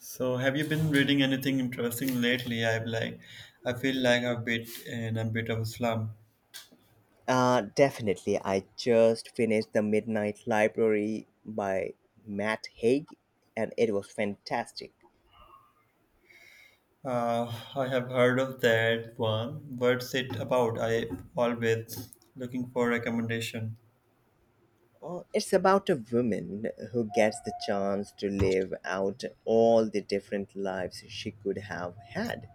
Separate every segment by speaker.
Speaker 1: So, have you been reading anything interesting lately? I feel like I've bit in a bit of a slump.
Speaker 2: Definitely. I just finished The Midnight Library by Matt Haig, and it was fantastic.
Speaker 1: I have heard of that one. What's it about? I always looking for recommendation.
Speaker 2: Oh, it's about a woman who gets the chance to live out all the different lives she could have had.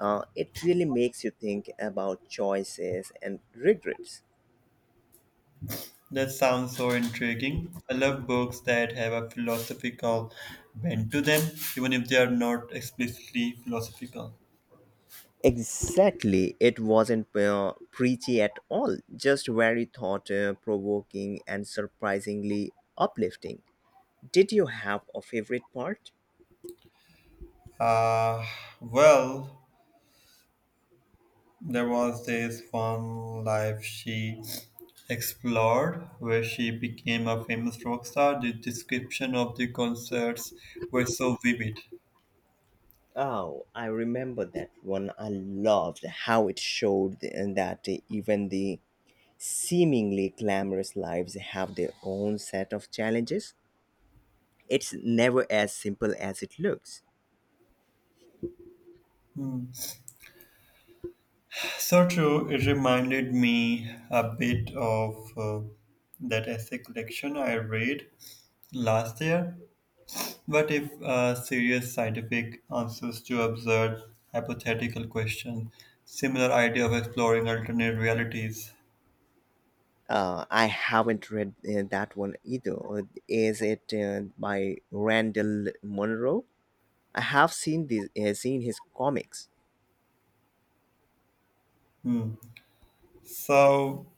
Speaker 2: It really makes you think about choices and regrets.
Speaker 1: That sounds so intriguing. I love books that have a philosophical bent to them, even if they are not explicitly philosophical.
Speaker 2: Exactly. It wasn't preachy at all, just very thought provoking and surprisingly uplifting. Did you have a favorite part?
Speaker 1: Uh, well, There was this one life she explored where she became a famous rock star. The description of the concerts were so vivid.
Speaker 2: Oh, I remember that one. I loved how it showed that even the seemingly glamorous lives have their own set of challenges. It's never as simple as it looks.
Speaker 1: Hmm. So true, it reminded me a bit of that essay collection I read last year. What if serious scientific answers to absurd hypothetical questions? Similar idea of exploring alternate realities.
Speaker 2: I haven't read that one either. Is it by Randall Munro? I have seen this, seen his comics.
Speaker 1: Hmm. So,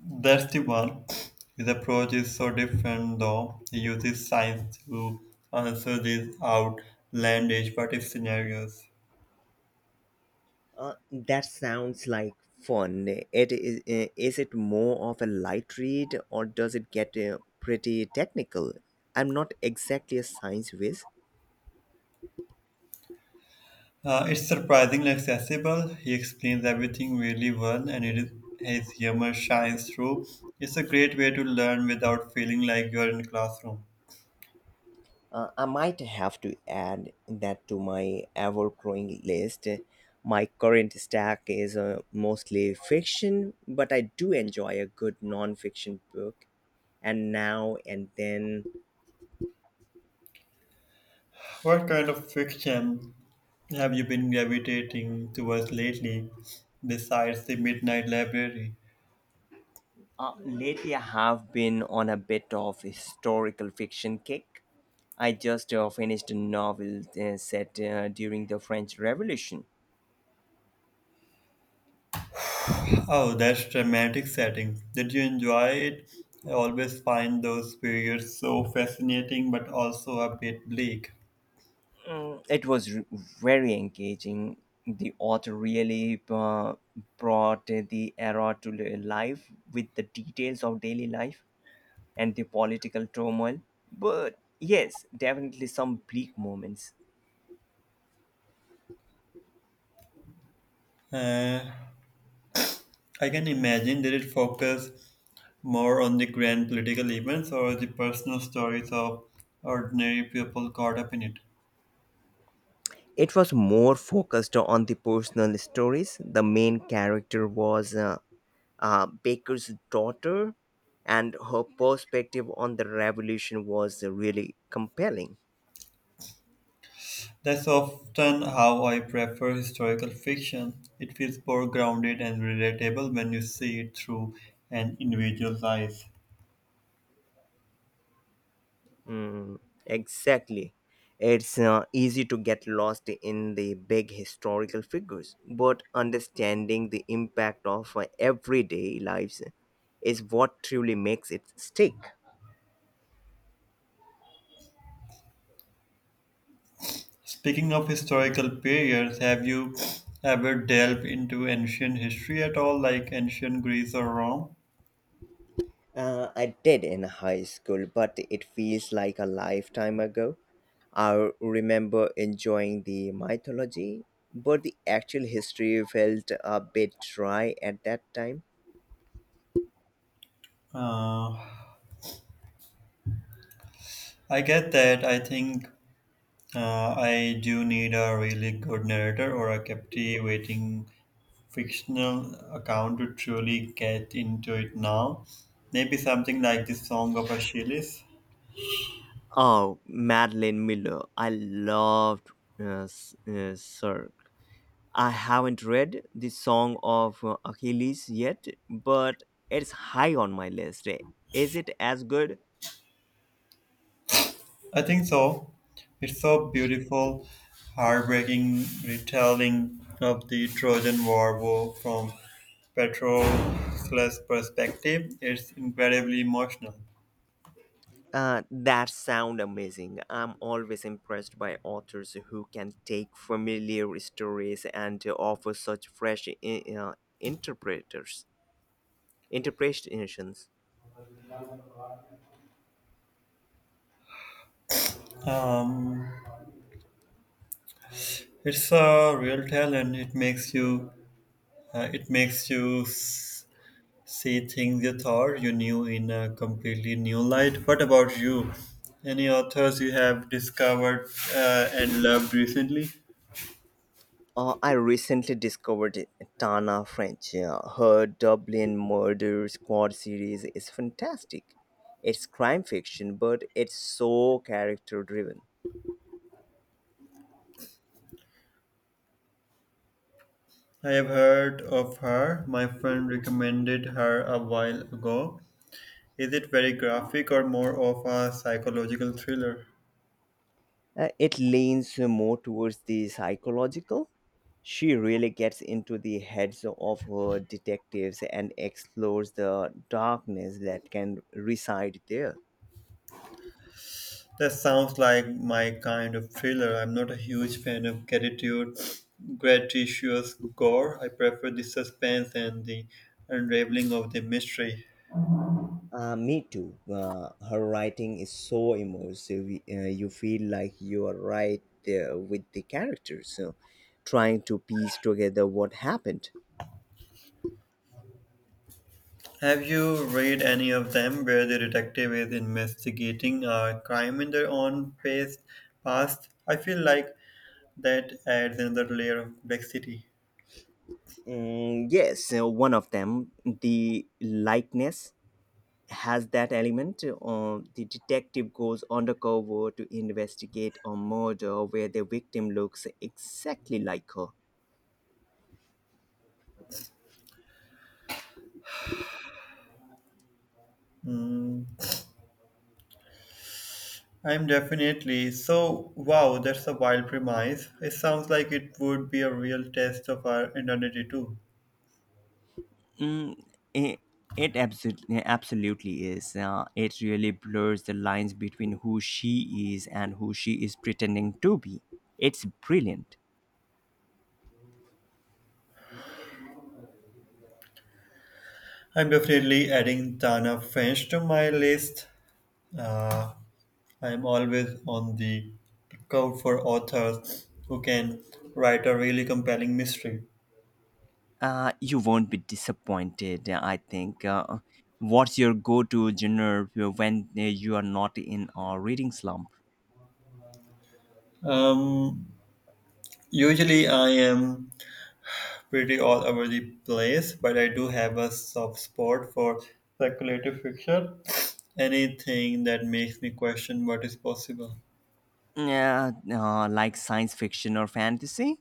Speaker 1: that's the one. His approach is so different, though. He uses science to answer these outlandish what if scenarios.
Speaker 2: That sounds like fun. It is. Is it more of a light read, or does it get pretty technical? I'm not exactly a science whiz.
Speaker 1: It's surprisingly accessible. He explains everything really well, and it is, his humor shines through. It's a great way to learn without feeling like you're in a classroom.
Speaker 2: I might have to add that to my ever-growing list. My current stack is mostly fiction, but I do enjoy a good non-fiction book, and now and then
Speaker 1: What kind of fiction have you been gravitating towards lately, besides the Midnight Library?
Speaker 2: Lately, I have been on a bit of historical fiction kick. I just finished a novel set during the French Revolution.
Speaker 1: Oh, that's dramatic setting. Did you enjoy it? I always find those periods so fascinating but also a bit bleak.
Speaker 2: It was very engaging. The author really brought the era to life with the details of daily life and the political turmoil. But yes, definitely some bleak moments.
Speaker 1: Uh, I can imagine did it focus more on the grand political events or the personal stories of ordinary people caught up in it?
Speaker 2: It was more focused on the personal stories. The main character was Baker's daughter, and her perspective on the revolution was really compelling.
Speaker 1: That's often how I prefer historical fiction. It feels more grounded and relatable when you see it through an individual's eyes.
Speaker 2: Mm, exactly. It's easy to get lost in the big historical figures, but understanding the impact of everyday lives is what truly makes it stick.
Speaker 1: Speaking of historical periods, have you ever delved into ancient history at all, like ancient Greece or Rome?
Speaker 2: I did in high school, but it feels like a lifetime ago. I remember enjoying the mythology, but the actual history felt a bit dry at that time.
Speaker 1: Uh, I get that. I think I do need a really good narrator or a captivating fictional account to truly get into it now. Maybe something like the Song of Achilles.
Speaker 2: Oh, Madeline Miller. I loved Cirque. I haven't read the Song of Achilles yet, but it's high on my list. Is it as good?
Speaker 1: I think so. It's so beautiful, heartbreaking retelling of the Trojan from Patroclus' perspective. It's incredibly emotional.
Speaker 2: That sound amazing. I'm always impressed by authors who can take familiar stories and to offer such fresh I- interpreters interpretations.
Speaker 1: Um, it's a real talent. It makes see things you thought you knew in a completely new light. What about you? Any authors you have discovered and loved recently?
Speaker 2: I recently discovered Tana French. Her Dublin Murder Squad series is fantastic. It's crime fiction, but it's so character driven.
Speaker 1: I have heard of her. My friend recommended her a while ago. Is it very graphic or more of a psychological thriller?
Speaker 2: It leans more towards the psychological. She really gets into the heads of her detectives and explores the darkness that can reside there.
Speaker 1: That sounds like my kind of thriller. I'm not a huge fan of gratitude, gratuitous gore. I prefer the suspense and the unraveling of the mystery.
Speaker 2: Me too. Her writing is so immersive. You feel like you are right there with the characters, so trying to piece together what happened.
Speaker 1: Have you read any of them where the detective is investigating a crime in their own past? I feel like that adds another layer of complexity.
Speaker 2: Mm, yes, so one of them, the likeness has that element. The detective goes undercover to investigate a murder where the victim looks exactly like her.
Speaker 1: Mm, I'm definitely. So, wow, that's a wild premise. It sounds like it would be a real test of our identity, too.
Speaker 2: Mm, it, it absolutely, absolutely is. It really blurs the lines between who she is and who she is pretending to be. It's brilliant.
Speaker 1: I'm definitely adding Tana French to my list. Uh, I'm always on the lookout for authors who can write a really compelling mystery.
Speaker 2: You won't be disappointed, I think. What's your go to genre when you are not in a reading slump?
Speaker 1: Um, usually, I am pretty all over the place, but I do have a soft spot for speculative fiction. Anything that makes me question what is possible.
Speaker 2: Yeah, like science fiction or fantasy.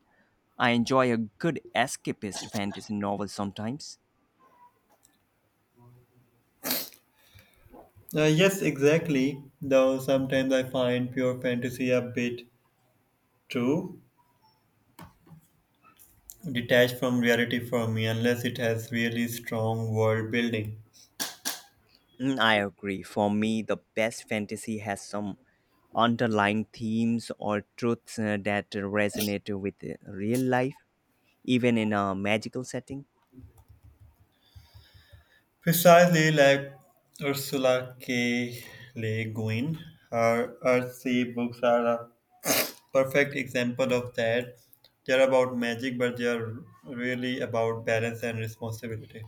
Speaker 2: I enjoy a good escapist fantasy novel sometimes.
Speaker 1: Yes, exactly. Though sometimes I find pure fantasy a bit too detached from reality for me, unless it has really strong world building.
Speaker 2: Mm, I agree. For me, the best fantasy has some underlying themes or truths that resonate with real life, even in a magical setting.
Speaker 1: Precisely like Ursula K. Le Guin, her Earthsea books are a perfect example of that. They're about magic, but they're really about balance and responsibility.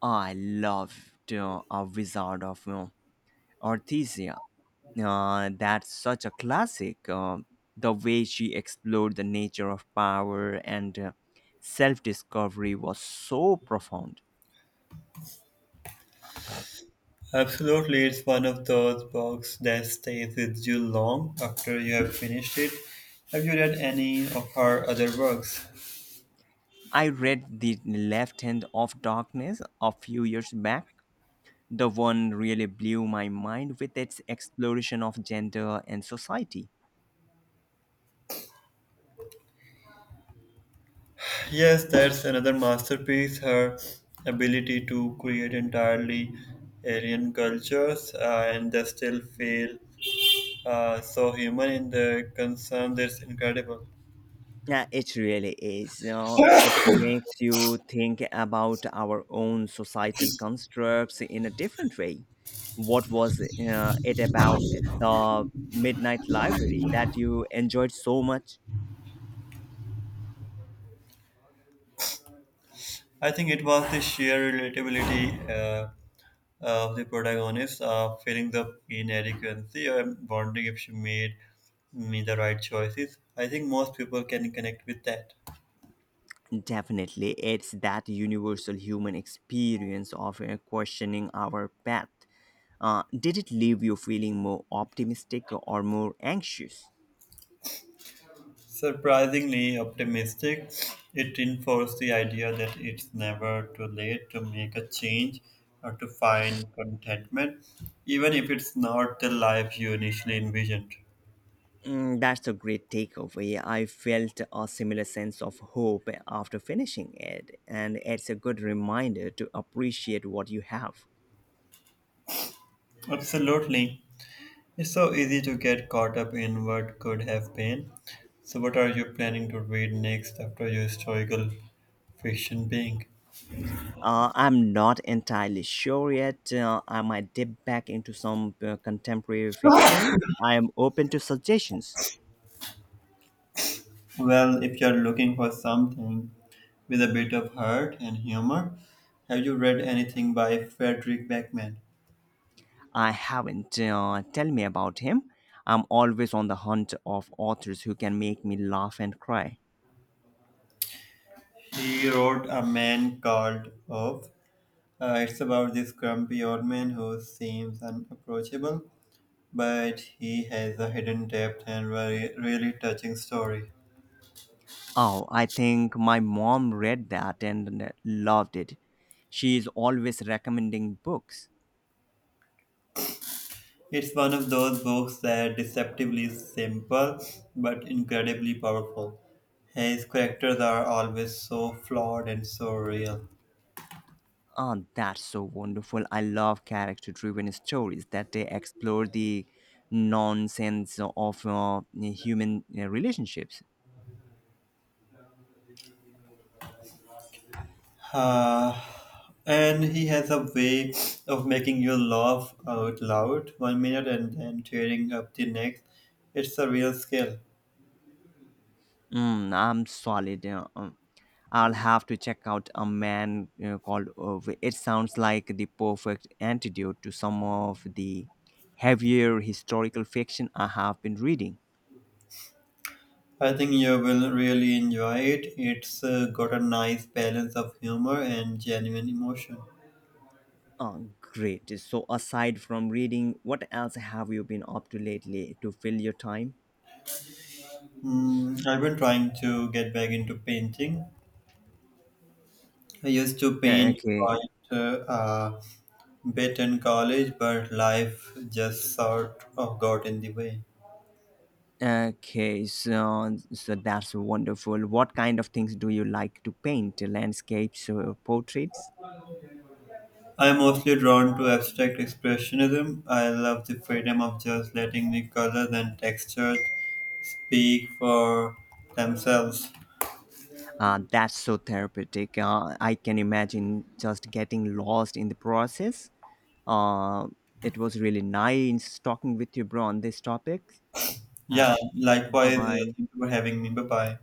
Speaker 2: Oh, I loved A Wizard of Oz Orthisia. That's such a classic. The way she explored the nature of power and self discovery was so profound.
Speaker 1: Absolutely, it's one of those books that stays with you long after you have finished it. Have you read any of her other works?
Speaker 2: I read The Left Hand of Darkness a few years back. The one really blew my mind with its exploration of gender and society.
Speaker 1: Yes, that's another masterpiece. Her ability to create entirely alien cultures and they still feel so human in their concern. Is incredible.
Speaker 2: Yeah, it really is. You know, it makes you think about our own societal constructs in a different way. What was it about the Midnight Library that you enjoyed so much?
Speaker 1: I think it was the sheer relatability uh, of the protagonist, feeling the inadequacy, and wondering if she made me the right choices. I think most people can connect with that.
Speaker 2: Definitely, it's that universal human experience of questioning our path. Did it leave you feeling more optimistic or more anxious?
Speaker 1: Surprisingly optimistic, it reinforced the idea that it's never too late to make a change or to find contentment, even if it's not the life you initially envisioned.
Speaker 2: Mm, that's a great takeaway. I felt a similar sense of hope after finishing it, and it's a good reminder to appreciate what you have.
Speaker 1: Absolutely. It's so easy to get caught up in what could have been. So, what are you planning to read next after your historical fiction being?
Speaker 2: I'm not entirely sure yet. I might dip back into some contemporary fiction. I am open to suggestions.
Speaker 1: Well, if you're looking for something with a bit of heart and humor, have you read anything by Frederick Beckman?
Speaker 2: I haven't. Tell me about him. I'm always on the hunt of authors who can make me laugh and cry.
Speaker 1: He wrote A Man Called Off. It's about this grumpy old man who seems unapproachable, but he has a hidden depth and very really touching story.
Speaker 2: Oh, I think my mom read that and loved it. She is always recommending books.
Speaker 1: It's one of those books that deceptively simple but incredibly powerful. His characters are always so flawed and so real.
Speaker 2: Oh, that's so wonderful. I love character driven stories that they explore the nonsense of human relationships.
Speaker 1: Ah, and he has a way of making you laugh out loud one minute and then tearing up the next. It's a real skill.
Speaker 2: I'm solid. I'll have to check out a man called Irv. It sounds like the perfect antidote to some of the heavier historical fiction I have been reading.
Speaker 1: I think you will really enjoy it. It's got a nice balance of humor and genuine emotion.
Speaker 2: Oh, great. So, aside from reading, what else have you been up to lately to fill your time?
Speaker 1: Mm, I've been trying to get back into painting. I used to
Speaker 2: Yeah,
Speaker 1: paint
Speaker 2: okay.
Speaker 1: quite a bit in college, but life just sort of got in the way.
Speaker 2: Okay, so that's wonderful. What kind of things do you like to paint? Landscapes or portraits?
Speaker 1: I'm mostly drawn to abstract expressionism. I love the freedom of just letting the colors and textures speak for themselves.
Speaker 2: That's so therapeutic. I can imagine just getting lost in the process. Uh, it was really nice talking with you, bro, on this topic. Uh,
Speaker 1: Yeah,
Speaker 2: Bye
Speaker 1: likewise,
Speaker 2: bye.
Speaker 1: thank you for having me. Bye bye.